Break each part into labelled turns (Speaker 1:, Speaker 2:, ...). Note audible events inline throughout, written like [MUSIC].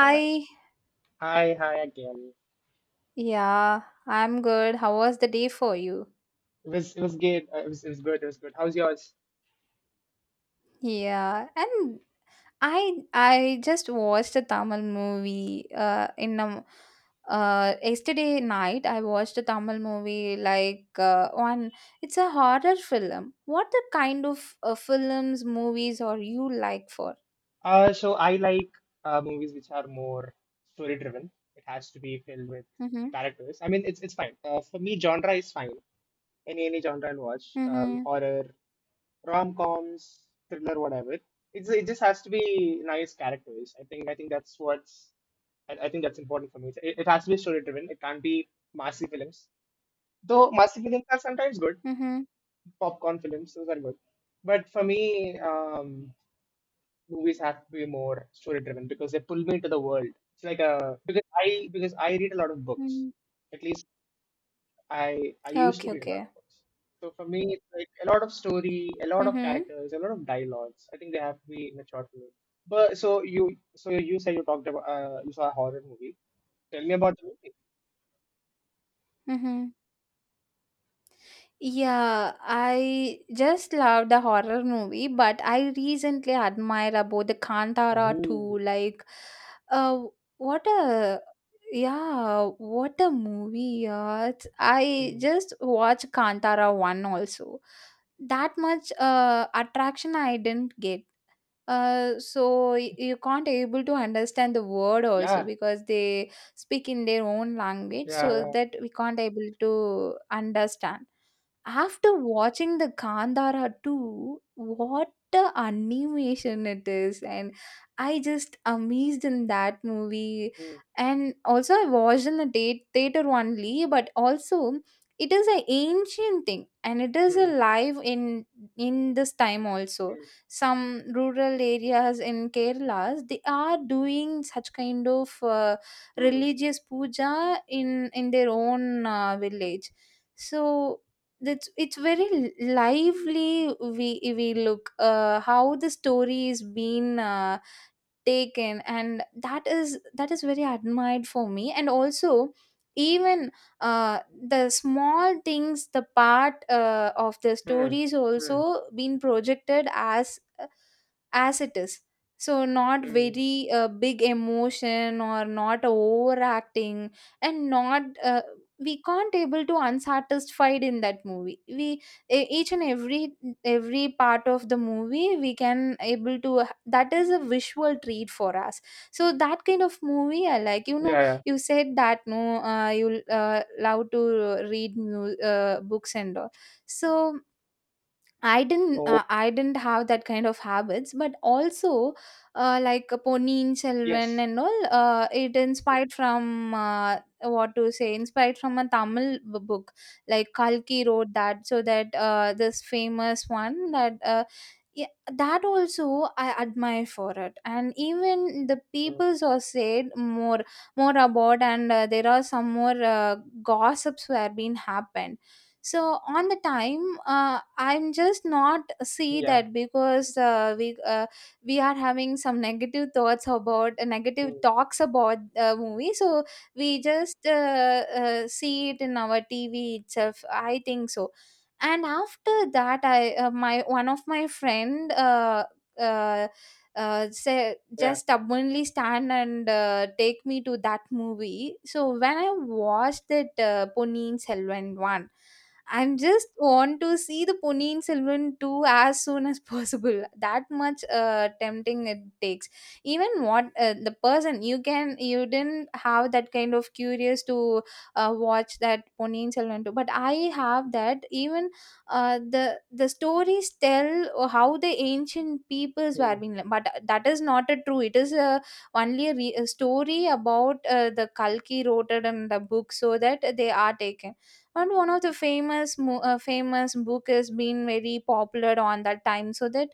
Speaker 1: All right. Hi, hi again.
Speaker 2: Yeah, I'm good. How was the day for you?
Speaker 1: It was good. It was good. It was good. How's yours?
Speaker 2: Yeah, and I just watched a Tamil movie in a yesterday night I watched a Tamil movie like one it's a horror film. What the kind of films movies are you like for?
Speaker 1: So I like movies which are more story driven. It has to be filled with
Speaker 2: Mhm.
Speaker 1: characters. I mean, it's fine. For me, genre is fine. Any genre I'll watch.
Speaker 2: Mhm.
Speaker 1: Horror, rom-coms, thriller, whatever. It just has to be nice characters. I think that's what's I think that's important for me. It has to be story driven. It can't be massive films. Though massive films are sometimes good.
Speaker 2: Mhm.
Speaker 1: Popcorn films, those are good. But for me, movies have to be more story driven because they pull me into the world. It's like a because I read a lot of books.
Speaker 2: Mhm.
Speaker 1: At least I used to
Speaker 2: Okay,
Speaker 1: read a lot
Speaker 2: okay.
Speaker 1: of books. So for me, it's like a lot of story, a lot of
Speaker 2: Mhm.
Speaker 1: characters, a lot of dialogues. I think they have to be in a short film. But so you said you talked about you saw a horror movie. Tell me about the movie.
Speaker 2: Mhm. Yeah, I just love the horror movie, but I recently admire about the Kantara too.
Speaker 1: Ooh.
Speaker 2: Like, uh, what a yeah, what a movie! Yeah, I
Speaker 1: Hmm.
Speaker 2: just watched Kantara one also. That much attraction I didn't get you can't able to understand the word also
Speaker 1: Yeah.
Speaker 2: because they speak in their own language
Speaker 1: Yeah.
Speaker 2: so
Speaker 1: Yeah.
Speaker 2: that we can't able to understand after watching the Kandara 2, what the animation it is, and I just amazed in that movie.
Speaker 1: Hmm.
Speaker 2: And also, I watched in the date theater only, but also it is an ancient thing, and it is
Speaker 1: Hmm.
Speaker 2: alive in this time also some rural areas in Kerala, they are doing such kind of
Speaker 1: Hmm.
Speaker 2: religious puja in their own village. So that's it's very lively. We look how the story is being. Taken and that is very admired for me and also even uh, the small things the part of the
Speaker 1: Hmm.
Speaker 2: stories
Speaker 1: Hmm. Hmm.
Speaker 2: also been projected as it is so not
Speaker 1: Hmm.
Speaker 2: very big emotion or not overacting and not we can't able to unsatisfied in that movie we each and every part of the movie we can able to that is a visual treat for us so that kind of movie I like you know
Speaker 1: Yeah, yeah.
Speaker 2: you said that no you love to read books and all so
Speaker 1: Oh,
Speaker 2: I didn't have that kind of habits, but also like Ponniyin Selvan
Speaker 1: yes.
Speaker 2: and all. It
Speaker 1: Yeah.
Speaker 2: inspired from what to say inspired from a Tamil book. Like Kalki wrote that, so that this famous one that. Yeah, that also I admire for it, and even the
Speaker 1: Mm,
Speaker 2: peoples are said more about, and there are some more gossips were being happened so on the time I'm just not see
Speaker 1: yeah.
Speaker 2: that because we are having some negative thoughts about negative
Speaker 1: Mm,
Speaker 2: talks about the movie so we just see it in our tv itself I think so and after that I my one of my friend uh, say
Speaker 1: yeah.
Speaker 2: just stubbornly stand and take me to that movie. So when I watched that Ponniyin Selvan one, and just want to see the Ponniyin Selvan 2 as soon as [LAUGHS] possible. That much tempting it takes. Even what the person you can you didn't have that kind of curious to watch that Ponniyin Selvan 2, but I have that. Even the stories tell how the ancient peoples were
Speaker 1: Mm.
Speaker 2: being, but that is not a true. It is a only a, a story about the Kalki wrote it in the book so that they are taken and one of the famous famous book has been very popular on that time so that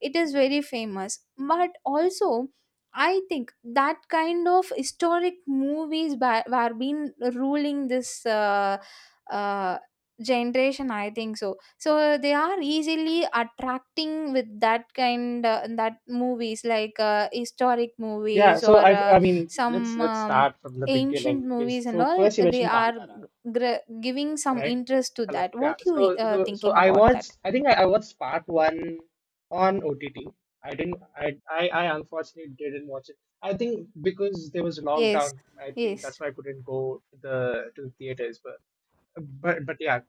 Speaker 2: it is very famous but also I think that kind of historic movies were been ruling this uh, generation I think so so they are easily attracting with that kind that movies like historic
Speaker 1: Yeah.
Speaker 2: movies
Speaker 1: So
Speaker 2: or
Speaker 1: I, I mean, let's
Speaker 2: some
Speaker 1: let's
Speaker 2: um,
Speaker 1: start from the
Speaker 2: ancient
Speaker 1: beginning because
Speaker 2: movies and
Speaker 1: so
Speaker 2: all
Speaker 1: first you
Speaker 2: they
Speaker 1: mentioned
Speaker 2: are
Speaker 1: Kantara,
Speaker 2: giving some
Speaker 1: right?
Speaker 2: interest to
Speaker 1: Hello.
Speaker 2: that
Speaker 1: Yeah.
Speaker 2: what you
Speaker 1: So so so
Speaker 2: thinking
Speaker 1: I
Speaker 2: about that
Speaker 1: watched. I think I watched part one on OTT. I didn't. I unfortunately didn't watch it. I think because there was
Speaker 2: yes
Speaker 1: lockdown. I think
Speaker 2: yes
Speaker 1: that's why I couldn't go to the theaters. But yeah,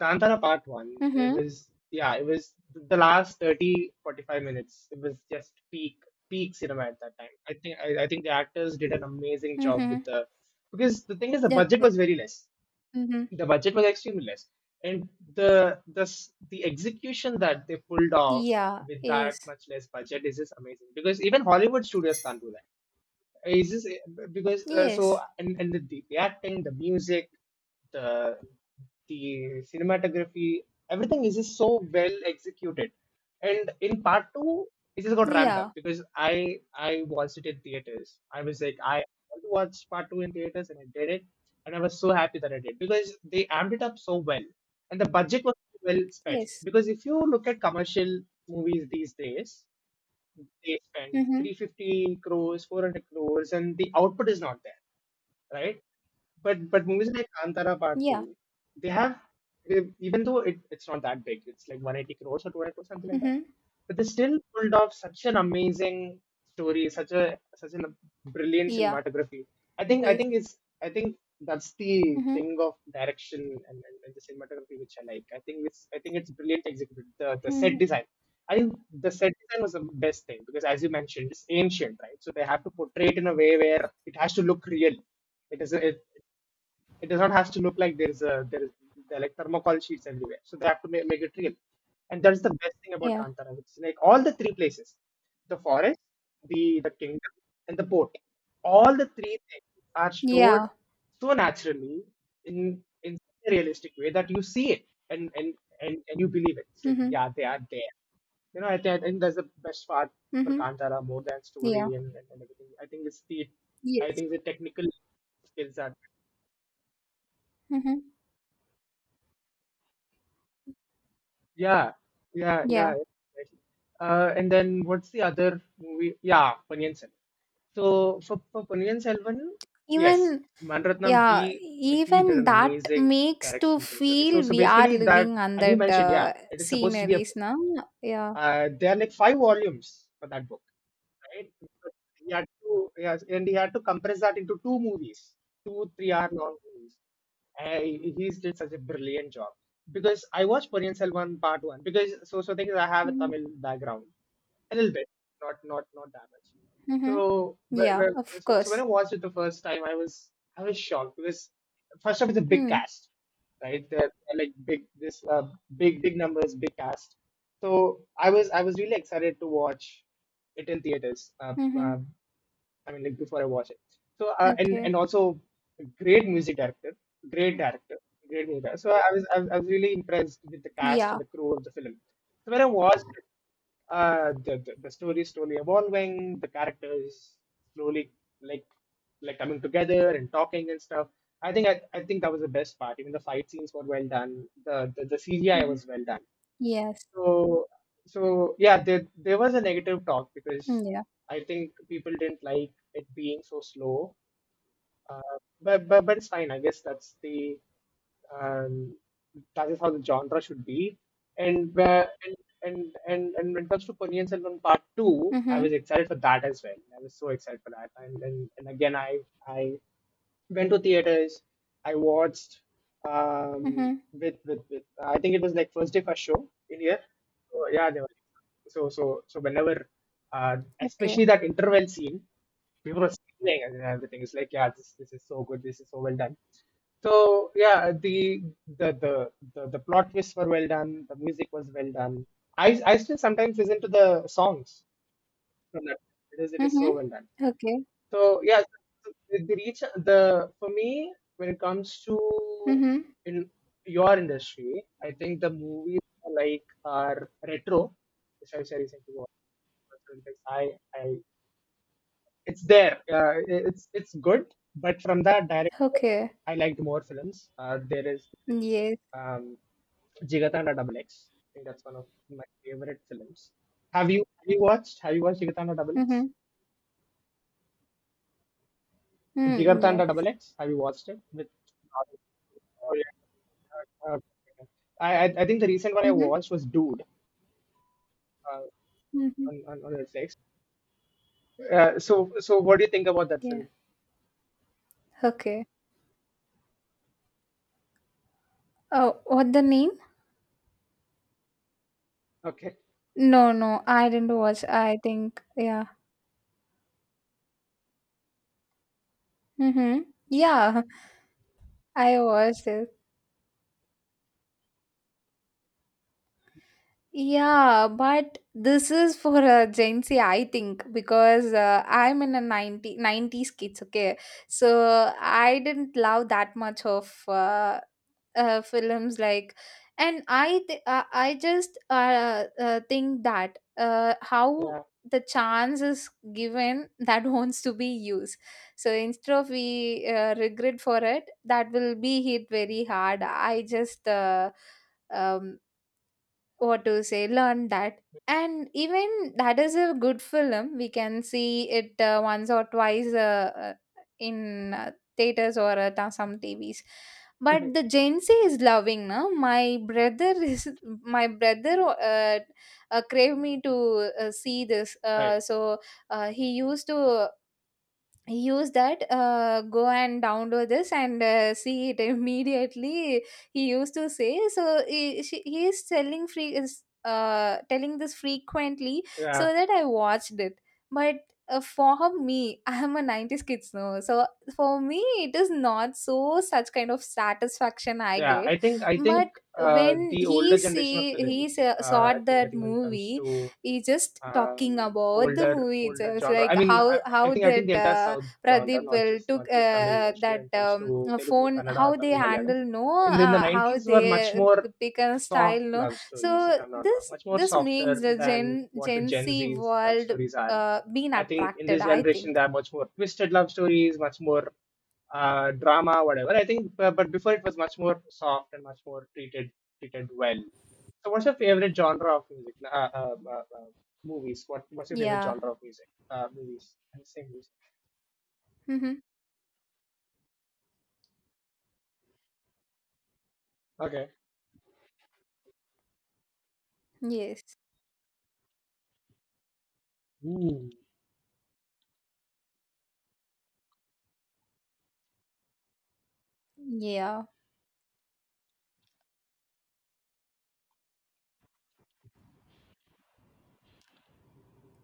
Speaker 1: Kantara part one, it
Speaker 2: mm-hmm
Speaker 1: was, yeah, it was the last 30-45 minutes. It was just peak peak cinema at that time. I think the actors did an amazing job
Speaker 2: mm-hmm
Speaker 1: with the, because the thing is, the budget
Speaker 2: okay
Speaker 1: was very less.
Speaker 2: mm-hmm
Speaker 1: The budget was extremely less. And the execution that they pulled off
Speaker 2: yeah
Speaker 1: with that
Speaker 2: yes
Speaker 1: much less budget is just amazing because even Hollywood studios can't do that, is this because so
Speaker 2: yes
Speaker 1: and, and the, the acting, the music, the the cinematography, everything is just so well executed. And in part two, it just got ramped up
Speaker 2: yeah
Speaker 1: because I watched it in theaters. I was like, I want to watch part two in theaters, and I did it, and I was so happy that I did because they amped it up so well, and the budget was so well spent.
Speaker 2: yes
Speaker 1: Because if you look at commercial movies these days, they spend
Speaker 2: mm-hmm
Speaker 1: 350 crores, 400 crores, and the output is not there, right? But movies like Antara Part
Speaker 2: yeah
Speaker 1: Two, they have they- even though it's not that big, it's like 180 crores or 200 crores, something like that.
Speaker 2: mm-hmm
Speaker 1: But they still pulled off such an amazing story, such a brilliant
Speaker 2: yeah
Speaker 1: cinematography. I think I
Speaker 2: yes
Speaker 1: think it's I think that's the
Speaker 2: mm-hmm
Speaker 1: thing of direction, and, and the cinematography which I like. I think it's brilliant executed. The set
Speaker 2: mm-hmm
Speaker 1: design. I think the set design was the best thing because, as you mentioned, it's ancient, right? So they have to portray it in a way where it has to look real, it is it. It does not have to look like there is a there are like thermocol sheets everywhere. So they have to make it real, and that's the best thing about
Speaker 2: yeah
Speaker 1: Kantara. It's like all the three places, the forest, the kingdom, and the port. All the three things are showed
Speaker 2: yeah
Speaker 1: so naturally in such a realistic way that you see it and and you believe it. It's like
Speaker 2: mm-hmm
Speaker 1: yeah, they are there, you know, think I think that's the best part for
Speaker 2: mm-hmm
Speaker 1: Kantara more than
Speaker 2: yeah
Speaker 1: story and, and everything. I think it's the, I
Speaker 2: yes
Speaker 1: think the technical skills are
Speaker 2: mm-hmm
Speaker 1: yeah, yeah,
Speaker 2: yeah
Speaker 1: yeah, exactly. And then what's the other movie? Yeah, Ponniyin Selvan. So for Ponniyin Selvan, yes,
Speaker 2: even
Speaker 1: Manratnam,
Speaker 2: Yeah,
Speaker 1: he did
Speaker 2: even
Speaker 1: an
Speaker 2: that
Speaker 1: amazing
Speaker 2: makes to
Speaker 1: direction for the story. So
Speaker 2: feel
Speaker 1: so
Speaker 2: we are
Speaker 1: basically that,
Speaker 2: living on
Speaker 1: as you
Speaker 2: that
Speaker 1: mentioned, yeah, it is supposed to be a book.
Speaker 2: sceneries now. Yeah.
Speaker 1: There are like five volumes for that book, right? He had to, yes, and he had to compress that into two movies, 2 three-hour long movies. He did such a brilliant job because I watched Korean Selvan part one because so so thing is I have a
Speaker 2: Mm-hmm.
Speaker 1: Tamil background a little bit, not not that much.
Speaker 2: Mm-hmm.
Speaker 1: So
Speaker 2: Yeah, of
Speaker 1: so when I
Speaker 2: course.
Speaker 1: watched it the first time, I was shocked because first off, it's a big
Speaker 2: Mm.
Speaker 1: cast, right? They're like big this big numbers, big cast. So I was really excited to watch it in theaters.
Speaker 2: Mm-hmm.
Speaker 1: I mean, like before I watch it. So and
Speaker 2: Okay.
Speaker 1: also a great music director, great music director. So I was really impressed with the cast
Speaker 2: Yeah.
Speaker 1: and the crew of the film. So when I watched it, the story is slowly evolving, the characters slowly like like coming together and talking and stuff. I think that was the best part. Even the fight scenes were well done. The CGI
Speaker 2: Mm-hmm.
Speaker 1: was well done.
Speaker 2: Yes.
Speaker 1: So, so yeah, there was a negative talk because
Speaker 2: Mm, yeah.
Speaker 1: I think people didn't like it being so slow. But but it's fine. I guess that's the um, that is how the genre should be. And and and when it comes to Ponniyin Selvan Part Two, I
Speaker 2: Mm-hmm.
Speaker 1: was excited for that as well. I was so excited for that. And and again, I went to theaters. I watched
Speaker 2: Mm-hmm.
Speaker 1: with I think it was like first day first show in here. So, yeah, they were so so whenever, especially
Speaker 2: Okay.
Speaker 1: that interval scene, people were screaming and everything. It's like yeah, this is so good. This is so well done. So yeah, the plot twists were well done. The music was well done. I still sometimes listen to the songs from that. It is so
Speaker 2: Mm-hmm.
Speaker 1: well done.
Speaker 2: Okay.
Speaker 1: So yeah, the reach the for me when it comes to
Speaker 2: Mm-hmm.
Speaker 1: in your industry, I think the movies are like are retro, which I say recently watched. I it's there. It's good, but from that director,
Speaker 2: Okay.
Speaker 1: I liked more films. There is this,
Speaker 2: Yes.
Speaker 1: um, Jigatana Double X. I think that's one of my favorite films. Have you watched Jigatana Double
Speaker 2: Mm-hmm.
Speaker 1: X?
Speaker 2: Mm,
Speaker 1: Jigartanda Double
Speaker 2: yes.
Speaker 1: X. Have you watched it? With oh, yeah. Uh, I think the recent one I
Speaker 2: Mm-hmm.
Speaker 1: watched was Dude uh,
Speaker 2: Mm-hmm.
Speaker 1: on on Netflix. So so what do you think about that
Speaker 2: Yeah.
Speaker 1: film?
Speaker 2: Okay. Oh, what the name?
Speaker 1: Okay.
Speaker 2: No, no, I didn't watch. I think. Yeah. Mm-hmm. Yeah. I watched it. Yeah, but this is for a Gen Z, I think, because I'm in a 90 nineties kids, okay? So I didn't love that much of films like. And I just think that how
Speaker 1: Yeah.
Speaker 2: the chance is given [LAUGHS] that wants to be used. So instead of we regret for it, that will be hit very hard. I just. Um, what to say learn that and even that is a good film we can see it once or twice in theaters or some tvs but
Speaker 1: [LAUGHS]
Speaker 2: the gen z is loving now. My brother is [LAUGHS] my brother crave me to see this
Speaker 1: Right.
Speaker 2: so he used to use that go and download this and see it [LAUGHS] immediately he used to say so he is telling free is telling this frequently
Speaker 1: Yeah.
Speaker 2: so that I watched it but for me [LAUGHS] I am a 90s kids now so for me it is not so such kind of satisfaction I
Speaker 1: Yeah.
Speaker 2: get
Speaker 1: I think
Speaker 2: but when
Speaker 1: the older
Speaker 2: he
Speaker 1: generation of
Speaker 2: see he
Speaker 1: films.
Speaker 2: saw saw
Speaker 1: I think I
Speaker 2: that
Speaker 1: think when it comes
Speaker 2: movie
Speaker 1: to
Speaker 2: he just talking about the
Speaker 1: older
Speaker 2: movie
Speaker 1: older
Speaker 2: itself
Speaker 1: genre. I
Speaker 2: like
Speaker 1: mean, I,
Speaker 2: how
Speaker 1: I
Speaker 2: how
Speaker 1: think I think
Speaker 2: that
Speaker 1: the entire South genre,
Speaker 2: Pradeep will took
Speaker 1: not just Tamil industry. When
Speaker 2: that
Speaker 1: it comes to Telugu,
Speaker 2: phone
Speaker 1: Kannada,
Speaker 2: how they
Speaker 1: Tamil, Malayalam,
Speaker 2: handle no
Speaker 1: in the
Speaker 2: how
Speaker 1: 90s were much
Speaker 2: they
Speaker 1: more
Speaker 2: pick a style
Speaker 1: soft
Speaker 2: no
Speaker 1: love
Speaker 2: so
Speaker 1: stories, if I'm not wrong,
Speaker 2: this
Speaker 1: much more
Speaker 2: this makes
Speaker 1: softer
Speaker 2: the
Speaker 1: than
Speaker 2: Gen
Speaker 1: what the
Speaker 2: Gen
Speaker 1: Gen
Speaker 2: Z
Speaker 1: Z's love
Speaker 2: world
Speaker 1: stories are.
Speaker 2: being
Speaker 1: I think in
Speaker 2: attracted
Speaker 1: this
Speaker 2: I
Speaker 1: generation
Speaker 2: think.
Speaker 1: there are much more twisted love stories, much more drama, whatever. I think, but before it was much more soft and much more treated well. So, what's your favorite genre of music? Movies. What's your favorite
Speaker 2: Yeah.
Speaker 1: genre of music? Movies. I say music.
Speaker 2: Mm-hmm.
Speaker 1: Okay.
Speaker 2: yes
Speaker 1: Mm.
Speaker 2: Yeah.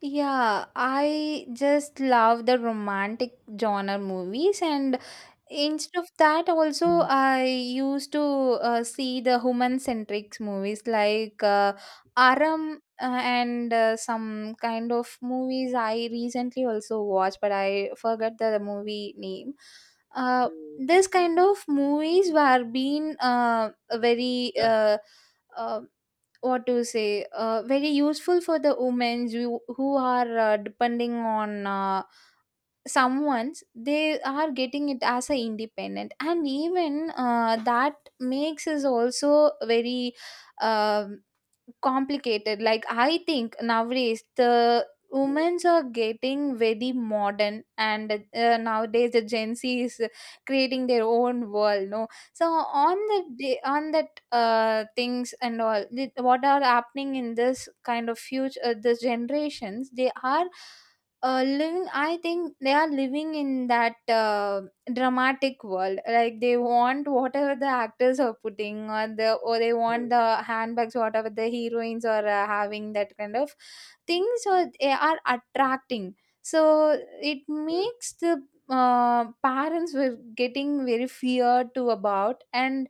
Speaker 2: Yeah, I just love the romantic genre movies and instead of that, also
Speaker 1: Mm,
Speaker 2: I used to see the human-centric movies like Aram and some kind of movies I recently also watched, but I forgot the movie name. Uh,
Speaker 1: mm,
Speaker 2: this kind of movies were being very
Speaker 1: yeah.
Speaker 2: uh, what to say very useful for the women who are depending on someone's they are getting it as a independent and even that makes us also very um complicated like I think nowadays the
Speaker 1: Mm,
Speaker 2: women's are getting very modern and nowadays the gen z is creating their own world no so on the day on that things and all what are happening in this kind of future the generations they are living I think they are living in that dramatic world like they want whatever the actors are putting or the or they want
Speaker 1: mm,
Speaker 2: the handbags whatever the heroines are having that kind of things or they are attracting so it
Speaker 1: mm,
Speaker 2: makes the parents were getting very feared to about and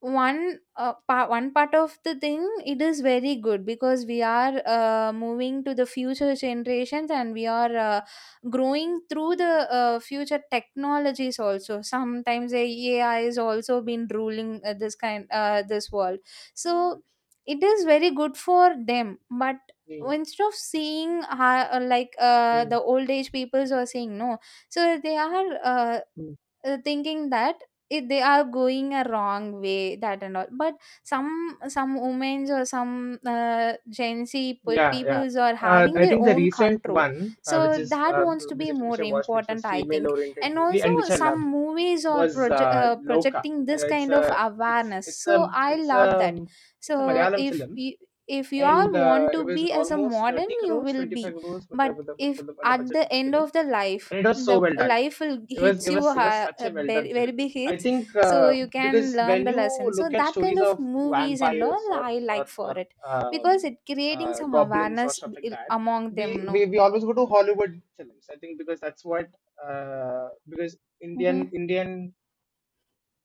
Speaker 2: one one part of the thing it is very good because we are moving to the future generations and we are growing through the future technologies also sometimes ai is also been ruling this kind this world so it is very good for them but
Speaker 1: mm,
Speaker 2: instead of seeing how, like
Speaker 1: mm,
Speaker 2: the old age peoples are saying no so they are
Speaker 1: mm.
Speaker 2: thinking that it, they are going a wrong way that and all but some women's or some gen z
Speaker 1: Yeah, yeah.
Speaker 2: peoples are having
Speaker 1: I
Speaker 2: their
Speaker 1: think the
Speaker 2: own
Speaker 1: recent
Speaker 2: control
Speaker 1: one, which
Speaker 2: so
Speaker 1: is
Speaker 2: that wants to be
Speaker 1: which
Speaker 2: more
Speaker 1: I watched, which was
Speaker 2: important I think
Speaker 1: female-oriented
Speaker 2: and
Speaker 1: movie
Speaker 2: also
Speaker 1: and which I loved,
Speaker 2: some movies are
Speaker 1: was Loka.
Speaker 2: projecting this
Speaker 1: It's
Speaker 2: kind of
Speaker 1: a it's
Speaker 2: awareness
Speaker 1: it's a
Speaker 2: so I
Speaker 1: it's a
Speaker 2: love that
Speaker 1: it's a
Speaker 2: so
Speaker 1: Malayalam film,
Speaker 2: if you all
Speaker 1: and
Speaker 2: want
Speaker 1: it
Speaker 2: to
Speaker 1: was
Speaker 2: be as a
Speaker 1: almost
Speaker 2: modern
Speaker 1: 30
Speaker 2: you
Speaker 1: crores
Speaker 2: will
Speaker 1: 25
Speaker 2: be
Speaker 1: crores with the,
Speaker 2: but
Speaker 1: with
Speaker 2: if
Speaker 1: the, with the
Speaker 2: at
Speaker 1: budget
Speaker 2: the
Speaker 1: of the
Speaker 2: end
Speaker 1: film,
Speaker 2: of
Speaker 1: and it was so
Speaker 2: the
Speaker 1: well done.
Speaker 2: life will
Speaker 1: it was
Speaker 2: hits
Speaker 1: it was
Speaker 2: you
Speaker 1: it was such a well done
Speaker 2: very, very
Speaker 1: film.
Speaker 2: big
Speaker 1: I
Speaker 2: hits
Speaker 1: think
Speaker 2: so you
Speaker 1: because
Speaker 2: can learn
Speaker 1: when
Speaker 2: the
Speaker 1: you
Speaker 2: lesson so
Speaker 1: look at
Speaker 2: that kind
Speaker 1: stories
Speaker 2: of
Speaker 1: of
Speaker 2: movies and
Speaker 1: vampires
Speaker 2: all
Speaker 1: or
Speaker 2: I like for
Speaker 1: or
Speaker 2: it
Speaker 1: um,
Speaker 2: because it creating some
Speaker 1: goblins or
Speaker 2: awareness
Speaker 1: stuff like that,
Speaker 2: among
Speaker 1: we,
Speaker 2: them no
Speaker 1: we always go to Hollywood films I think, because that's what because
Speaker 2: mm-hmm.
Speaker 1: Indian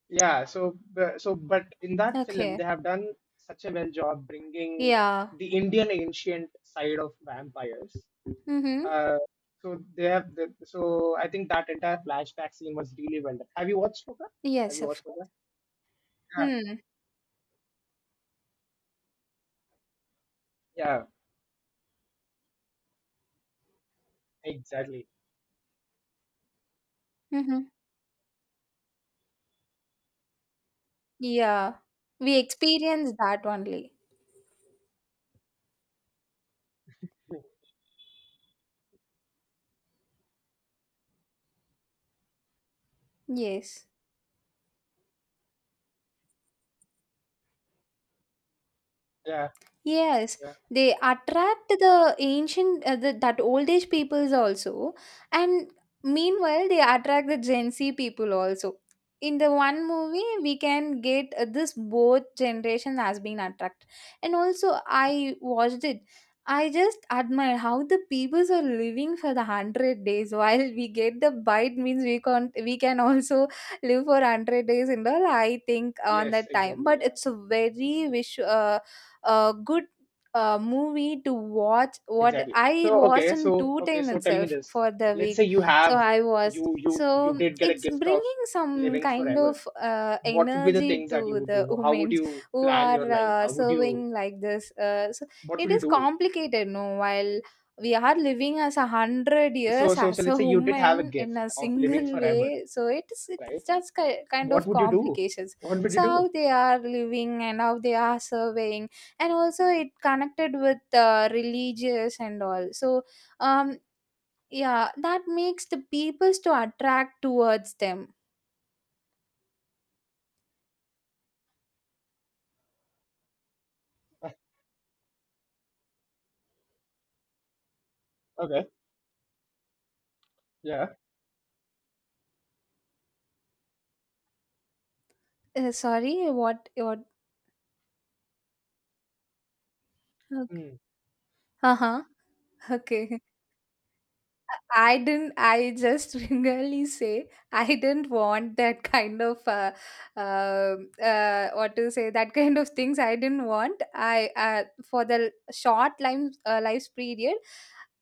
Speaker 1: yeah, so but in that film
Speaker 2: okay
Speaker 1: they have done such a well job bringing
Speaker 2: yeah
Speaker 1: the Indian ancient side of vampires.
Speaker 2: mm-hmm.
Speaker 1: Uh, so they have the, so I think that entire flashback scene was really well done. Have
Speaker 2: yes
Speaker 1: you
Speaker 2: of
Speaker 1: watched
Speaker 2: course
Speaker 1: Luca? Yeah,
Speaker 2: hmm.
Speaker 1: yeah, exactly.
Speaker 2: mm-hmm. yeah we experience that only yes
Speaker 1: Yeah,
Speaker 2: Yes,
Speaker 1: yeah,
Speaker 2: they attract the ancient that old age peoples also, and meanwhile they attract the Gen Z people also. In the one movie, we can get this both generation has been attracted, and also I watched it. I just admire how the peoples are living for the 100 days. [LAUGHS] While we get the bite means we can also live for 100 days and all. I think on
Speaker 1: yes,
Speaker 2: that time,
Speaker 1: exactly.
Speaker 2: but
Speaker 1: Yeah,
Speaker 2: it's a very wish. A good movie to watch what
Speaker 1: exactly.
Speaker 2: I
Speaker 1: So
Speaker 2: watched
Speaker 1: okay,
Speaker 2: in
Speaker 1: so
Speaker 2: two
Speaker 1: okay,
Speaker 2: time
Speaker 1: so tell me
Speaker 2: itself
Speaker 1: this.
Speaker 2: for the
Speaker 1: Let's say
Speaker 2: week
Speaker 1: you
Speaker 2: so
Speaker 1: have
Speaker 2: I was
Speaker 1: you
Speaker 2: so
Speaker 1: did get a
Speaker 2: it's
Speaker 1: gift of
Speaker 2: bringing some
Speaker 1: living
Speaker 2: kind
Speaker 1: forever.
Speaker 2: of
Speaker 1: What would be the
Speaker 2: energy
Speaker 1: things that you
Speaker 2: to
Speaker 1: would
Speaker 2: the
Speaker 1: do? How would
Speaker 2: women
Speaker 1: you
Speaker 2: who
Speaker 1: plan your
Speaker 2: are
Speaker 1: life? How would you
Speaker 2: serving like this so
Speaker 1: what
Speaker 2: it
Speaker 1: would you
Speaker 2: is
Speaker 1: do?
Speaker 2: complicated no while we are living as a hundred
Speaker 1: So
Speaker 2: years
Speaker 1: so so
Speaker 2: as
Speaker 1: let's
Speaker 2: a
Speaker 1: say you did have a
Speaker 2: woman in
Speaker 1: gift
Speaker 2: a
Speaker 1: of living
Speaker 2: single
Speaker 1: forever,
Speaker 2: way so it's
Speaker 1: right?
Speaker 2: just kind
Speaker 1: What
Speaker 2: of
Speaker 1: would you do?
Speaker 2: complications
Speaker 1: What would you
Speaker 2: so
Speaker 1: do?
Speaker 2: how they are living and how they are surveying and also it connected with religious and all so um yeah that makes the peoples to attract towards them
Speaker 1: Okay. Yeah.
Speaker 2: sorry what Okay.
Speaker 1: Mm,
Speaker 2: Uh-huh, okay. I didn't. I just [LAUGHS] really say I didn't want that kind of uh, what to say that kind of things. I didn't want. I for the short life life period,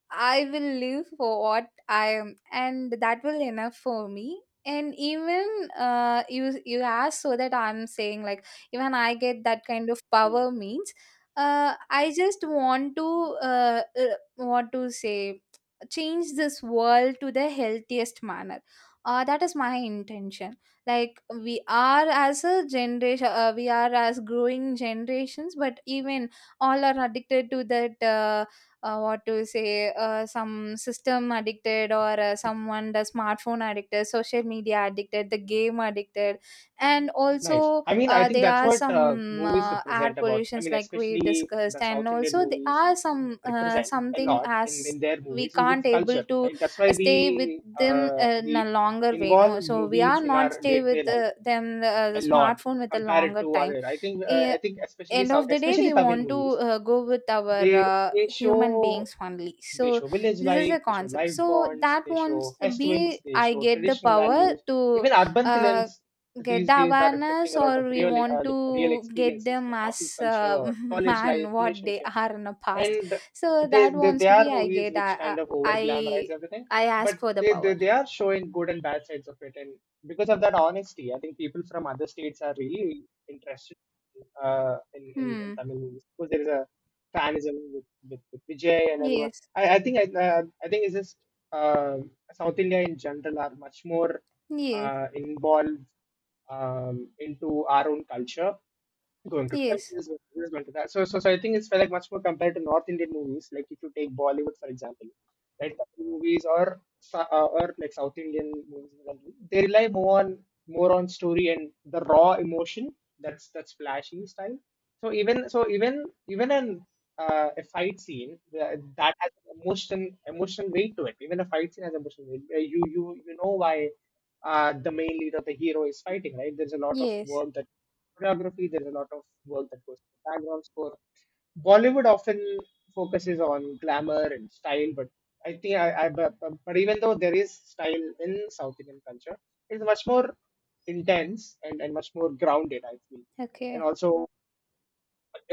Speaker 2: I will live for what I am, and that will enough for me. And even you ask so that I'm saying like even I get that kind of
Speaker 1: mm.
Speaker 2: power means, I just want to uh, uh, what to say change this world to the healthiest manner. That is my intention. Like, we are as a generation, we are as growing generations, but even all are addicted to that, what to say some system addicted, or someone the smartphone addicted, social media addicted, the game addicted. And
Speaker 1: Nice.
Speaker 2: also
Speaker 1: I mean, I think
Speaker 2: there
Speaker 1: that's
Speaker 2: are
Speaker 1: what
Speaker 2: some
Speaker 1: movies
Speaker 2: air
Speaker 1: represent about. I
Speaker 2: pollutions
Speaker 1: mean,
Speaker 2: like we
Speaker 1: especially the
Speaker 2: discussed, and
Speaker 1: South Indian
Speaker 2: also there
Speaker 1: movies
Speaker 2: are some
Speaker 1: represent a
Speaker 2: something
Speaker 1: lot in,
Speaker 2: as
Speaker 1: in their
Speaker 2: we
Speaker 1: movies is its
Speaker 2: can't able
Speaker 1: culture.
Speaker 2: to
Speaker 1: Right? That's why
Speaker 2: stay with them in a
Speaker 1: we
Speaker 2: longer way, no,
Speaker 1: involve
Speaker 2: so we
Speaker 1: movies
Speaker 2: are
Speaker 1: in
Speaker 2: not
Speaker 1: our
Speaker 2: stay
Speaker 1: day-to-day
Speaker 2: with
Speaker 1: life
Speaker 2: them,
Speaker 1: a
Speaker 2: the
Speaker 1: lot
Speaker 2: smartphone with a
Speaker 1: compared
Speaker 2: longer
Speaker 1: to
Speaker 2: time.
Speaker 1: other.
Speaker 2: e-
Speaker 1: I think especially
Speaker 2: End
Speaker 1: South,
Speaker 2: of the day,
Speaker 1: especially
Speaker 2: we
Speaker 1: Tamil
Speaker 2: want to
Speaker 1: movies,
Speaker 2: go with our
Speaker 1: they they
Speaker 2: human
Speaker 1: show
Speaker 2: beings only.
Speaker 1: they
Speaker 2: So
Speaker 1: show village
Speaker 2: this is
Speaker 1: life,
Speaker 2: a
Speaker 1: they show
Speaker 2: concept,
Speaker 1: life
Speaker 2: so
Speaker 1: bonds,
Speaker 2: that
Speaker 1: they show
Speaker 2: wants be
Speaker 1: festivals, they
Speaker 2: I
Speaker 1: show
Speaker 2: get the
Speaker 1: traditional
Speaker 2: power
Speaker 1: values.
Speaker 2: to
Speaker 1: Even urban
Speaker 2: uh,
Speaker 1: films
Speaker 2: get
Speaker 1: these
Speaker 2: the
Speaker 1: days are reflecting
Speaker 2: awareness,
Speaker 1: a lot of
Speaker 2: or we
Speaker 1: real
Speaker 2: want
Speaker 1: like, real
Speaker 2: to get
Speaker 1: experiences
Speaker 2: them
Speaker 1: like office
Speaker 2: as
Speaker 1: culture,
Speaker 2: [LAUGHS]
Speaker 1: college life,
Speaker 2: man what they
Speaker 1: relationships
Speaker 2: are in the past.
Speaker 1: and
Speaker 2: So
Speaker 1: they,
Speaker 2: that
Speaker 1: they
Speaker 2: wants
Speaker 1: they
Speaker 2: to
Speaker 1: are
Speaker 2: be
Speaker 1: movies which kind of over
Speaker 2: I
Speaker 1: glamorize everything
Speaker 2: I
Speaker 1: but
Speaker 2: ask for the
Speaker 1: they, they
Speaker 2: power.
Speaker 1: they are showing good and bad sides of it, and because of that honesty I think people from other states are really interested in, in
Speaker 2: Hmm.
Speaker 1: Tamil movies because there is a fanism with Vijay and everyone.
Speaker 2: Yes.
Speaker 1: I think it's just um South India in general are much more
Speaker 2: Yes.
Speaker 1: involved, um, into our own culture, going to tell
Speaker 2: Yes.
Speaker 1: this, going this, going to that. So I think it's like much more compared to North Indian movies. Like if you take Bollywood, for example, right, Tamil movies or or like South Indian movies, in general, they rely more on story and the raw emotion. That's flashy style. So even an a fight scene that has emotional weight to it. Even a fight scene has emotional weight. You know why the main lead or the hero is fighting, right? There's a lot of
Speaker 2: Yes.
Speaker 1: work that choreography. There's a lot of work that goes into background score. Bollywood often focuses on glamour and style, but I think I but even though there is style in South Indian culture, it's much more intense and much more grounded, I feel. And
Speaker 2: Okay.
Speaker 1: also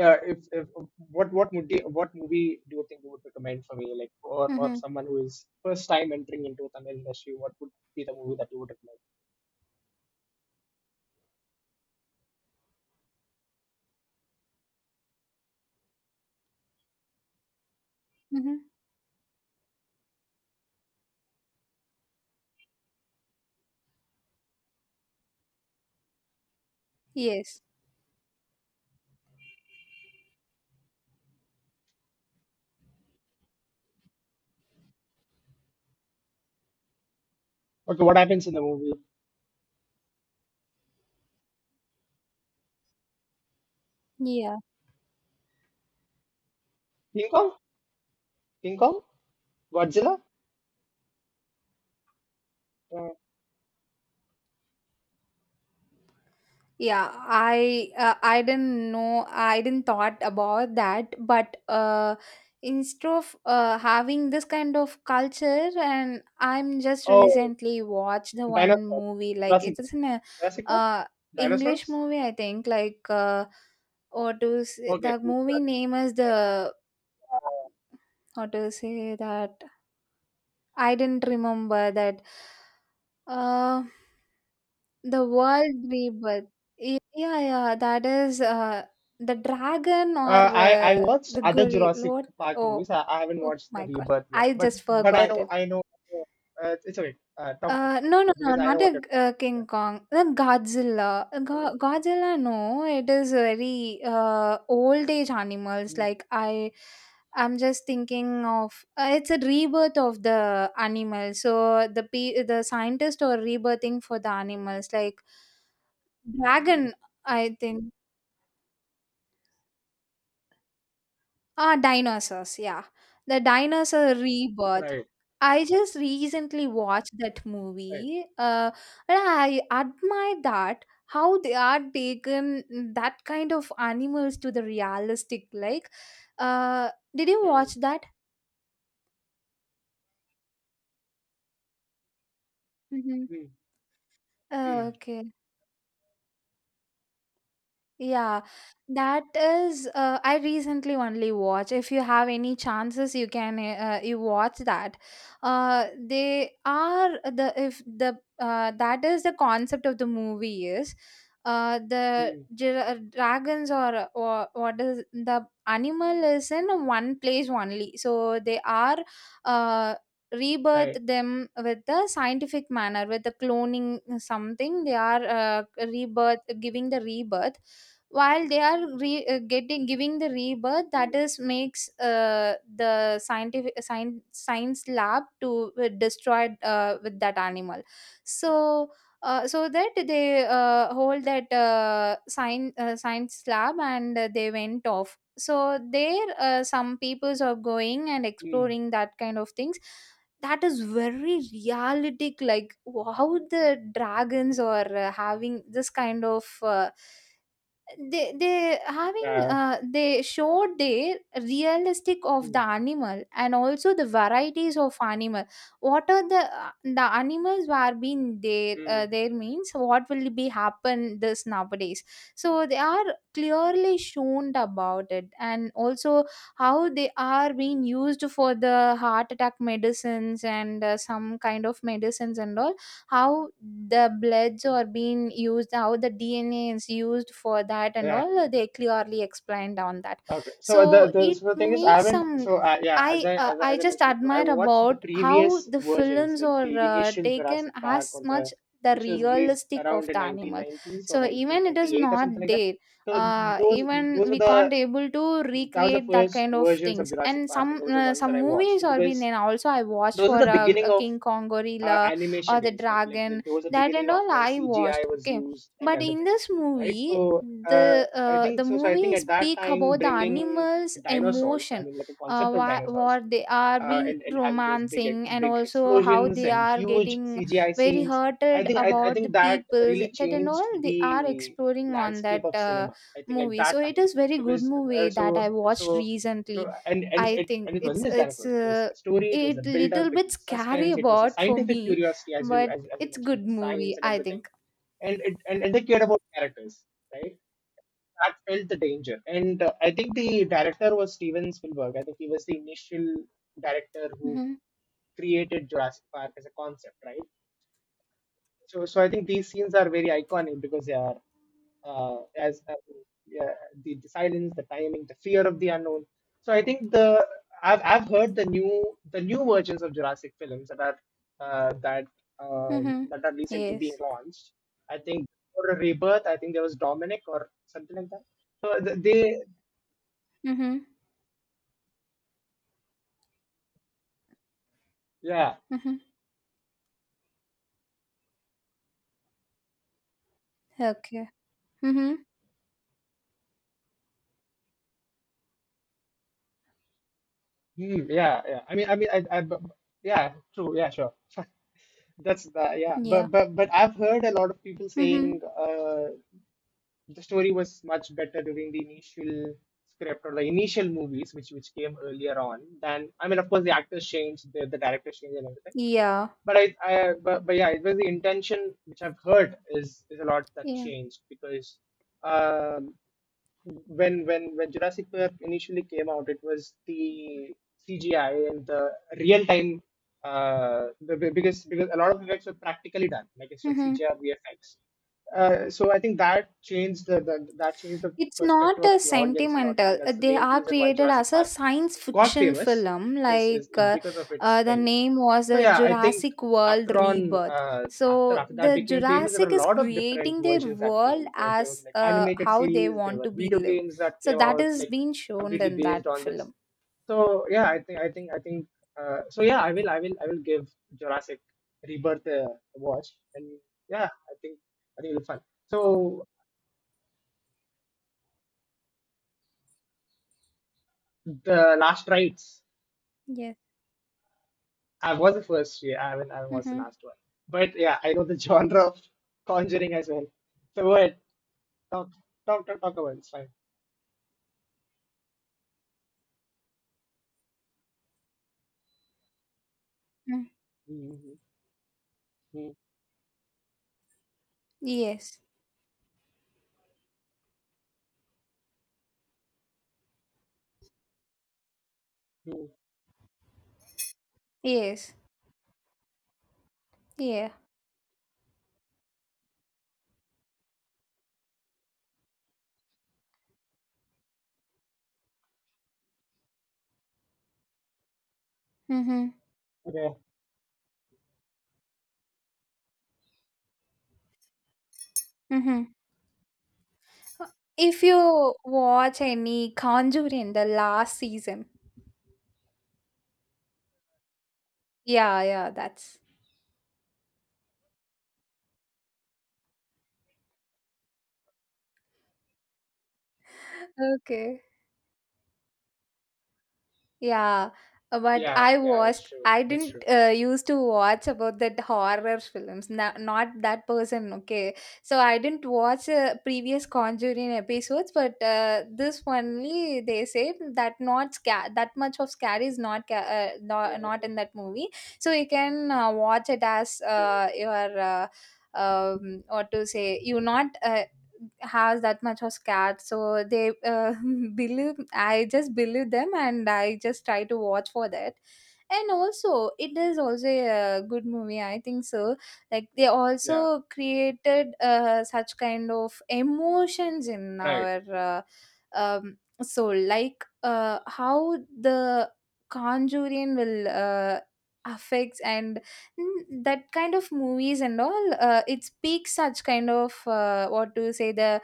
Speaker 1: if what movie do you think you would recommend for me, like, or
Speaker 2: Mm-hmm.
Speaker 1: someone who is first time entering into Tamil industry, what would be the movie that you would recommend?
Speaker 2: Mm-hmm. Yes.
Speaker 1: Okay, what happens in the movie?
Speaker 2: Yeah.
Speaker 1: King Kong, King Kong, Godzilla. Uh,
Speaker 2: Yeah, I didn't know I didn't thought about that, but instead of having this kind of culture, and I'm just
Speaker 1: Oh,
Speaker 2: recently watched the one
Speaker 1: dinosaurs.
Speaker 2: movie like it
Speaker 1: Jurassic
Speaker 2: is in a
Speaker 1: Jurassic Park?
Speaker 2: uh English
Speaker 1: Dinosaurs?
Speaker 2: movie, I think. Like, or to say,
Speaker 1: Okay.
Speaker 2: the movie name is the, how to say that I didn't remember that. Uh, the world rebirth. Yeah, yeah, yeah, that is the dragon, or
Speaker 1: I I watched
Speaker 2: the
Speaker 1: other
Speaker 2: gorilla.
Speaker 1: Jurassic
Speaker 2: What?
Speaker 1: Park
Speaker 2: Oh,
Speaker 1: movies. I haven't
Speaker 2: oh
Speaker 1: watched the
Speaker 2: my god!
Speaker 1: Rebirth yet,
Speaker 2: I
Speaker 1: but
Speaker 2: just
Speaker 1: but I
Speaker 2: forgot
Speaker 1: know
Speaker 2: it.
Speaker 1: I know. It's okay. Talk about it,
Speaker 2: No, no,
Speaker 1: because
Speaker 2: no,
Speaker 1: I know
Speaker 2: not
Speaker 1: what.
Speaker 2: a
Speaker 1: It is.
Speaker 2: King Kong. The Godzilla. Godzilla, no, it is very old age animals.
Speaker 1: Mm,
Speaker 2: Like, I, I'm just thinking of, it's a rebirth of the animal. So the the scientists are rebirthing for the animals, like dragon. I think, ah, dinosaurs. Yeah, the dinosaur rebirth.
Speaker 1: right.
Speaker 2: I just recently watched that
Speaker 1: Right.
Speaker 2: movie, and I admire that how they are taken, mm, that kind of animals to the realistic. Like, did you
Speaker 1: Mm,
Speaker 2: watch that? Hmm.
Speaker 1: mm, mm,
Speaker 2: Okay. Yeah, that is. I recently only watch. If you have any chances, you can you watch that. They are the, if the that is the concept of the movie is,
Speaker 1: mm,
Speaker 2: dragons, or what is the animal is in one place only. So they are uh rebirth
Speaker 1: right.
Speaker 2: them with the scientific manner, with the cloning something they are, rebirth, giving the rebirth while they are getting, giving the rebirth,
Speaker 1: Mm,
Speaker 2: that is makes, the scientific science lab to destroy with that animal. So so that they hold that science lab, and they went off, so there some peoples are going and
Speaker 1: mm,
Speaker 2: exploring that kind of things. That is very realistic, like how the dragons are having this kind of they having,
Speaker 1: yeah.
Speaker 2: they showed their realistic of the
Speaker 1: Mm,
Speaker 2: animal, and also the varieties of animal. What are the animals were being there
Speaker 1: mm,
Speaker 2: there means what will be happen this nowadays. So they are clearly shown about it, and also how they are being used for the heart attack medicines, and some kind of medicines and all. How the bloods are being used, how the DNA is used for that and
Speaker 1: yeah.
Speaker 2: all, they clearly explained on that.
Speaker 1: Okay, so
Speaker 2: So it
Speaker 1: the thing is, I
Speaker 2: makes
Speaker 1: haven't.
Speaker 2: some,
Speaker 1: So yeah, as I, as I
Speaker 2: I
Speaker 1: as I
Speaker 2: just
Speaker 1: mentioned before, I
Speaker 2: admire
Speaker 1: watched the
Speaker 2: about how
Speaker 1: previous
Speaker 2: the
Speaker 1: versions,
Speaker 2: films
Speaker 1: like the
Speaker 2: are
Speaker 1: initial
Speaker 2: taken
Speaker 1: Jurassic Park,
Speaker 2: as
Speaker 1: or the
Speaker 2: much the
Speaker 1: which was released
Speaker 2: realistic
Speaker 1: around
Speaker 2: of
Speaker 1: the
Speaker 2: the animal.
Speaker 1: 1990s or
Speaker 2: So even it is
Speaker 1: 1998 or
Speaker 2: not
Speaker 1: something like that.
Speaker 2: there.
Speaker 1: So those
Speaker 2: Even
Speaker 1: those were
Speaker 2: we can't
Speaker 1: the
Speaker 2: able to
Speaker 1: that was the
Speaker 2: recreate that
Speaker 1: first
Speaker 2: kind of
Speaker 1: versions of
Speaker 2: things.
Speaker 1: Jurassic
Speaker 2: And
Speaker 1: Park, and those are ones that
Speaker 2: some
Speaker 1: I watched
Speaker 2: movies are been,
Speaker 1: because
Speaker 2: and also I watched
Speaker 1: those are
Speaker 2: for
Speaker 1: the beginning
Speaker 2: a
Speaker 1: of
Speaker 2: King Kong gorilla,
Speaker 1: animation
Speaker 2: or the
Speaker 1: days. Like like
Speaker 2: dragon,
Speaker 1: like there was a
Speaker 2: that
Speaker 1: beginning
Speaker 2: and
Speaker 1: of
Speaker 2: all
Speaker 1: when
Speaker 2: I
Speaker 1: CGI
Speaker 2: watched,
Speaker 1: was
Speaker 2: okay.
Speaker 1: used and
Speaker 2: But in
Speaker 1: everything,
Speaker 2: this
Speaker 1: right?
Speaker 2: movie,
Speaker 1: So
Speaker 2: the
Speaker 1: I think so. So I think
Speaker 2: movie
Speaker 1: at that
Speaker 2: speak
Speaker 1: time,
Speaker 2: about the
Speaker 1: bringing
Speaker 2: animals
Speaker 1: dinosaurs, I
Speaker 2: emotion.
Speaker 1: mean, like a concept of dinosaurs,
Speaker 2: What they are being
Speaker 1: and having those
Speaker 2: romancing, and
Speaker 1: big
Speaker 2: also how
Speaker 1: explosions
Speaker 2: they
Speaker 1: and
Speaker 2: are
Speaker 1: huge
Speaker 2: getting
Speaker 1: CGI
Speaker 2: very
Speaker 1: scenes, I
Speaker 2: hurted
Speaker 1: think I, I
Speaker 2: about
Speaker 1: think
Speaker 2: the
Speaker 1: that
Speaker 2: people,
Speaker 1: really
Speaker 2: that and
Speaker 1: changed
Speaker 2: all they are
Speaker 1: the
Speaker 2: exploring on
Speaker 1: landscape
Speaker 2: that
Speaker 1: of cinema. I think at
Speaker 2: movie.
Speaker 1: that
Speaker 2: So it
Speaker 1: time
Speaker 2: is very good
Speaker 1: because uh,
Speaker 2: movie that
Speaker 1: so
Speaker 2: I watched
Speaker 1: so
Speaker 2: recently.
Speaker 1: and
Speaker 2: I think
Speaker 1: it
Speaker 2: it's
Speaker 1: wasn't just that, of course. It was the story, it was the
Speaker 2: it
Speaker 1: build up,
Speaker 2: little
Speaker 1: it
Speaker 2: bit
Speaker 1: was the
Speaker 2: scary
Speaker 1: suspense,
Speaker 2: [LAUGHS]
Speaker 1: it was the
Speaker 2: about for
Speaker 1: scientific
Speaker 2: me,
Speaker 1: curiosity as
Speaker 2: but
Speaker 1: as you
Speaker 2: it's
Speaker 1: mentioned,
Speaker 2: good
Speaker 1: the
Speaker 2: movie,
Speaker 1: science and
Speaker 2: I
Speaker 1: everything.
Speaker 2: think.
Speaker 1: And it and they cared about characters, right? That felt the danger. And I think the director was Steven Spielberg. I think he was the initial director who
Speaker 2: Mm-hmm.
Speaker 1: created Jurassic Park as a concept, right? So I think these scenes are very iconic because they are as yeah, the silence, the timing, the fear of the unknown. So I think the I've heard the new versions of Jurassic films that are uh, that
Speaker 2: Mm-hmm.
Speaker 1: that are recently being
Speaker 2: Yes.
Speaker 1: launched. I think for a rebirth, I think there was Dominic or something like that. So they
Speaker 2: Mm-hmm.
Speaker 1: yeah.
Speaker 2: Mm-hmm. Okay. Mm-hmm.
Speaker 1: Hmm, yeah yeah. I mean yeah true, yeah sure. [LAUGHS] That's the yeah,
Speaker 2: Yeah.
Speaker 1: but I've heard a lot of people
Speaker 2: Mm-hmm.
Speaker 1: saying. The story was much better during the initial script or the initial movies which came earlier on than, I mean, of course the actors changed, the director changed and everything,
Speaker 2: Yeah.
Speaker 1: but but yeah, it was the intention which I've heard is a lot that
Speaker 2: Yeah.
Speaker 1: changed because um when when Jurassic Park initially came out, it was the CGI and the real time because a lot of effects were practically done, like instead of
Speaker 2: Mm-hmm.
Speaker 1: CGI or VFX. So I think that changed the that changed the
Speaker 2: It's
Speaker 1: perspective
Speaker 2: not
Speaker 1: of
Speaker 2: a
Speaker 1: the audience a lot. I think
Speaker 2: sentimental,
Speaker 1: that's the
Speaker 2: they
Speaker 1: main
Speaker 2: are
Speaker 1: reason why
Speaker 2: created
Speaker 1: Jurassic
Speaker 2: as a
Speaker 1: Park
Speaker 2: science
Speaker 1: got
Speaker 2: fiction
Speaker 1: famous
Speaker 2: film.
Speaker 1: is
Speaker 2: Like,
Speaker 1: is because of its
Speaker 2: the
Speaker 1: thing.
Speaker 2: name was
Speaker 1: So
Speaker 2: a
Speaker 1: yeah, I think
Speaker 2: Jurassic World
Speaker 1: after on
Speaker 2: Rebirth. So
Speaker 1: after after that
Speaker 2: the
Speaker 1: became famous, there
Speaker 2: Jurassic
Speaker 1: were a
Speaker 2: is
Speaker 1: lot of different
Speaker 2: creating their
Speaker 1: versions that
Speaker 2: world
Speaker 1: came. There was
Speaker 2: as,
Speaker 1: like animated
Speaker 2: how they
Speaker 1: series, there
Speaker 2: want
Speaker 1: were
Speaker 2: to be
Speaker 1: video
Speaker 2: live.
Speaker 1: games that
Speaker 2: So
Speaker 1: came
Speaker 2: that
Speaker 1: out
Speaker 2: is
Speaker 1: like
Speaker 2: being shown
Speaker 1: completely
Speaker 2: in that
Speaker 1: based on this.
Speaker 2: film.
Speaker 1: So yeah, I think so yeah, I will give Jurassic Rebirth a watch, and yeah, I think it'll be fun. So the last rites
Speaker 2: Yes.
Speaker 1: I was the first, yeah, I haven't, I was the
Speaker 2: Mm-hmm.
Speaker 1: last one. But yeah, I know the [LAUGHS] genre of conjuring as well. So what? Talk, talk, talk, not don't, do.
Speaker 2: Mm.
Speaker 1: Mm-hmm. Mm-hmm.
Speaker 2: Yes.
Speaker 1: Mm-hmm.
Speaker 2: Yes. Yeah. Mm-hmm.
Speaker 1: Okay.
Speaker 2: Mm-hmm. If you watch any Conjuring, the last season. Yeah, yeah, that's [LAUGHS] okay. Yeah, but
Speaker 1: Yeah,
Speaker 2: I
Speaker 1: yeah, that's
Speaker 2: watched.
Speaker 1: true.
Speaker 2: I
Speaker 1: That's true.
Speaker 2: didn't used to watch about that horror films. No, not that person. Okay, so I didn't watch previous Conjuring episodes, but this only they say that not that much of scary is not not, not
Speaker 1: Mm-hmm.
Speaker 2: in that movie. So you can watch it as
Speaker 1: Mm-hmm,
Speaker 2: your. What to say, you not has that much of scat, so they [LAUGHS] believe, I just believe them, and I just try to watch for that. And also it is also a good movie, I think so. Like, they
Speaker 1: yeah,
Speaker 2: also created such kind of emotions in
Speaker 1: right.
Speaker 2: our soul, like how the conjuring will affects, and mm, that kind of movies and all, it speaks such kind of, what to say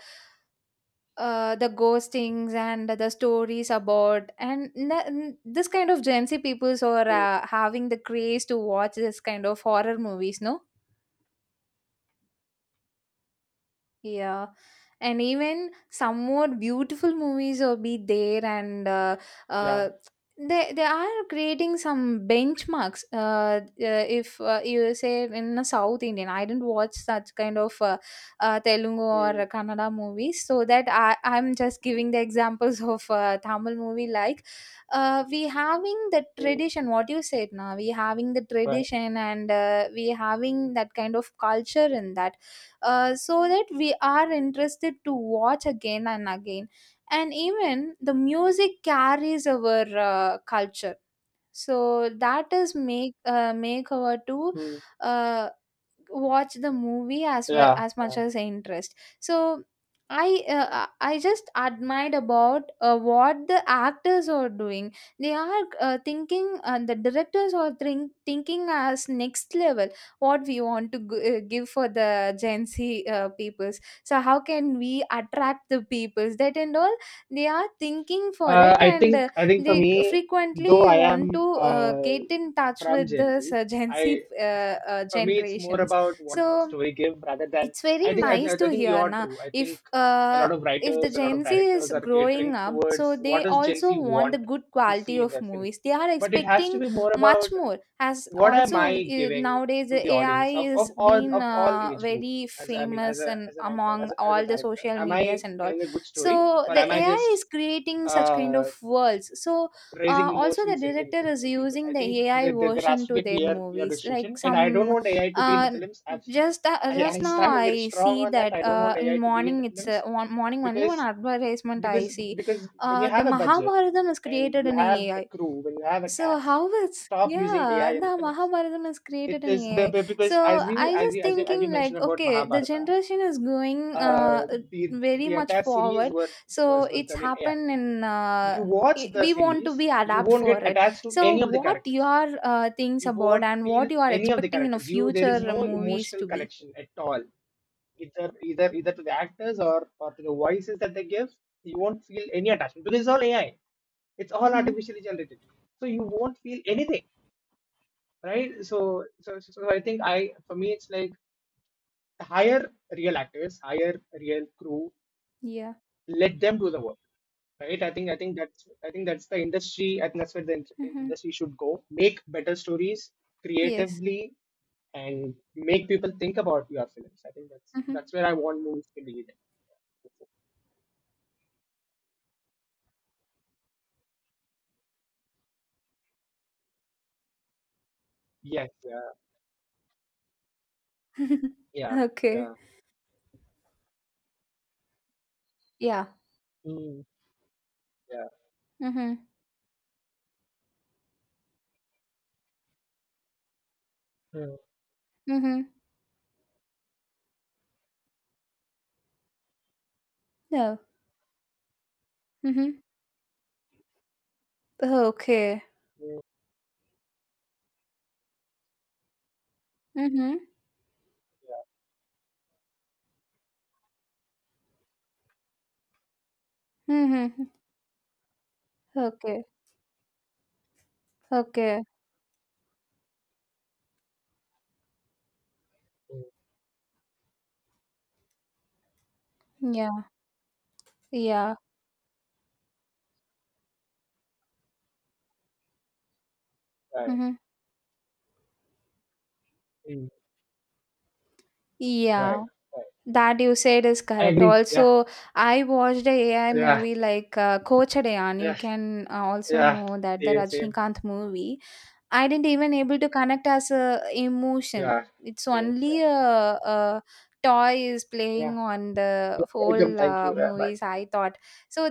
Speaker 2: the ghostings and the stories about. And this kind of Gen Z peoples are
Speaker 1: Mm,
Speaker 2: having the craze to watch this kind of horror movies, no? Yeah, and even some more beautiful movies will be there, and
Speaker 1: yeah.
Speaker 2: uh, they are creating some benchmarks. If you say in a South Indian, I didn't watch such kind of Telugu or
Speaker 1: Mm-hmm.
Speaker 2: Kannada movies, so that I I'm just giving the examples [LAUGHS] of Tamil movie. Like, we having the
Speaker 1: Mm-hmm,
Speaker 2: tradition. What you said now, we having the
Speaker 1: right.
Speaker 2: tradition, and we having that kind of culture in that, so that we are interested to watch again and again. And even the music carries our culture, so that is make make our two
Speaker 1: Mm.
Speaker 2: uh, watch the movie as well
Speaker 1: Yeah.
Speaker 2: as much
Speaker 1: Yeah.
Speaker 2: as I interest. So I just admired about what the actors are doing. They are thinking, the directors are thinking as next level. What we want to give for the Gen Z peoples. So how can we attract the peoples? That and all they are thinking for
Speaker 1: Uh,
Speaker 2: it,
Speaker 1: I
Speaker 2: and
Speaker 1: think I think for
Speaker 2: they
Speaker 1: me, though
Speaker 2: frequently
Speaker 1: I
Speaker 2: want to
Speaker 1: am
Speaker 2: get in touch
Speaker 1: from
Speaker 2: with
Speaker 1: Gen
Speaker 2: the
Speaker 1: Z,
Speaker 2: Gen
Speaker 1: I
Speaker 2: Z
Speaker 1: for me, it's more
Speaker 2: generations.
Speaker 1: about what does the
Speaker 2: So
Speaker 1: story give rather than
Speaker 2: it's very
Speaker 1: I think I,
Speaker 2: nice
Speaker 1: I
Speaker 2: to
Speaker 1: think you
Speaker 2: hear,
Speaker 1: are
Speaker 2: na.
Speaker 1: true. I think
Speaker 2: If
Speaker 1: a lot of
Speaker 2: the
Speaker 1: writers, a lot
Speaker 2: Gen
Speaker 1: of
Speaker 2: Z
Speaker 1: directors
Speaker 2: is
Speaker 1: are
Speaker 2: growing
Speaker 1: catering
Speaker 2: up,
Speaker 1: towards
Speaker 2: so
Speaker 1: what
Speaker 2: they
Speaker 1: does Gen
Speaker 2: also
Speaker 1: Z
Speaker 2: want
Speaker 1: want
Speaker 2: the good
Speaker 1: to
Speaker 2: quality
Speaker 1: see in
Speaker 2: of
Speaker 1: their film.
Speaker 2: movies, they are
Speaker 1: But it has to
Speaker 2: expecting.
Speaker 1: be more
Speaker 2: Much
Speaker 1: about
Speaker 2: more as
Speaker 1: what am
Speaker 2: also
Speaker 1: I giving
Speaker 2: nowadays
Speaker 1: to
Speaker 2: the
Speaker 1: the
Speaker 2: AI
Speaker 1: audience of, of
Speaker 2: is
Speaker 1: all
Speaker 2: being
Speaker 1: of all age group?
Speaker 2: very
Speaker 1: As, I mean, as
Speaker 2: famous
Speaker 1: a
Speaker 2: and
Speaker 1: writer,
Speaker 2: among
Speaker 1: as as a
Speaker 2: all the
Speaker 1: director,
Speaker 2: social
Speaker 1: am I
Speaker 2: medias and all.
Speaker 1: telling a good
Speaker 2: So
Speaker 1: story or
Speaker 2: the
Speaker 1: am I
Speaker 2: AI
Speaker 1: just
Speaker 2: is creating such kind
Speaker 1: uh
Speaker 2: of worlds. So
Speaker 1: raising
Speaker 2: also the
Speaker 1: emotions in,
Speaker 2: director is
Speaker 1: in people.
Speaker 2: using
Speaker 1: I
Speaker 2: the
Speaker 1: think
Speaker 2: AI
Speaker 1: there has
Speaker 2: version
Speaker 1: to be
Speaker 2: to
Speaker 1: a
Speaker 2: their
Speaker 1: clear
Speaker 2: movies, like
Speaker 1: distinction, and I don't
Speaker 2: some
Speaker 1: want AI to be in the
Speaker 2: uh,
Speaker 1: films. I I
Speaker 2: just now
Speaker 1: stand very
Speaker 2: I
Speaker 1: strong
Speaker 2: see
Speaker 1: on that.
Speaker 2: that
Speaker 1: I don't want AI
Speaker 2: in
Speaker 1: to be in the
Speaker 2: morning, it's
Speaker 1: films
Speaker 2: one morning only, one
Speaker 1: because
Speaker 2: advertisement I
Speaker 1: because
Speaker 2: see,
Speaker 1: because when you
Speaker 2: the
Speaker 1: have a budget
Speaker 2: Mahabharatam is
Speaker 1: and
Speaker 2: created
Speaker 1: you
Speaker 2: in
Speaker 1: have a
Speaker 2: AI.
Speaker 1: crew, when you have a
Speaker 2: So
Speaker 1: cast,
Speaker 2: how it's,
Speaker 1: stop using AI
Speaker 2: yeah,
Speaker 1: in the
Speaker 2: the
Speaker 1: films.
Speaker 2: Mahabharatam is
Speaker 1: It
Speaker 2: created in
Speaker 1: is
Speaker 2: AI.
Speaker 1: because
Speaker 2: So
Speaker 1: as
Speaker 2: I just
Speaker 1: as you
Speaker 2: thinking like,
Speaker 1: mentioned about
Speaker 2: okay, the
Speaker 1: Mahabharata,
Speaker 2: generation is going uh,
Speaker 1: uh,
Speaker 2: very
Speaker 1: the
Speaker 2: much
Speaker 1: entire series
Speaker 2: forward.
Speaker 1: were
Speaker 2: So
Speaker 1: was
Speaker 2: it's
Speaker 1: done in AI.
Speaker 2: happened in
Speaker 1: You watch
Speaker 2: I
Speaker 1: the
Speaker 2: we want
Speaker 1: series,
Speaker 2: to be
Speaker 1: you
Speaker 2: adapt
Speaker 1: won't
Speaker 2: for
Speaker 1: get
Speaker 2: it.
Speaker 1: attached to
Speaker 2: So
Speaker 1: any of the
Speaker 2: what
Speaker 1: characters.
Speaker 2: your things
Speaker 1: You
Speaker 2: about,
Speaker 1: won't
Speaker 2: and
Speaker 1: feel
Speaker 2: what you are
Speaker 1: any of the
Speaker 2: expecting in a
Speaker 1: characters. You there is
Speaker 2: future
Speaker 1: no
Speaker 2: movies
Speaker 1: emotional
Speaker 2: to be.
Speaker 1: connection at all, either to the actors or to the voices that they give. You won't feel any attachment because it's all AI. It's all
Speaker 2: Mhm.
Speaker 1: artificially generated, so you won't feel anything, right? So I think I for me it's like hire real actors, hire real crew,
Speaker 2: Yeah.
Speaker 1: let them do the work, right? I think that's the industry. I think that's where the
Speaker 2: Mhm.
Speaker 1: industry should go. Make better stories
Speaker 2: Yes.
Speaker 1: creatively and make people think about your films. I think
Speaker 2: Mhm.
Speaker 1: that's where I want movies to lead. Yes. Yeah.
Speaker 2: [LAUGHS]
Speaker 1: Yeah.
Speaker 2: Okay.
Speaker 1: Yeah.
Speaker 2: Yeah.
Speaker 1: Mm, yeah.
Speaker 2: Mhm.
Speaker 1: Mm,
Speaker 2: Mhm. No. Mhm. Okay.
Speaker 1: mm,
Speaker 2: Mhm.
Speaker 1: yeah.
Speaker 2: Mhm. Okay. Okay.
Speaker 1: Mm,
Speaker 2: Yeah. Yeah.
Speaker 1: right.
Speaker 2: Mhm.
Speaker 1: Mm,
Speaker 2: Yeah,
Speaker 1: right. Right.
Speaker 2: that you said is
Speaker 1: I
Speaker 2: correct.
Speaker 1: agree. Yeah.
Speaker 2: Also, I watched a AI
Speaker 1: Yeah.
Speaker 2: movie like Kochadayan. You
Speaker 1: Yeah.
Speaker 2: can also
Speaker 1: Yeah.
Speaker 2: know that the
Speaker 1: Same same.
Speaker 2: Rajnikanth movie. I didn't even able to connect as a emotion.
Speaker 1: Yeah.
Speaker 2: It's
Speaker 1: Same. Yeah.
Speaker 2: only a toy is
Speaker 1: Yeah.
Speaker 2: playing on the
Speaker 1: Welcome.
Speaker 2: whole
Speaker 1: Thank you. Yeah. Bye.
Speaker 2: movies. I thought, so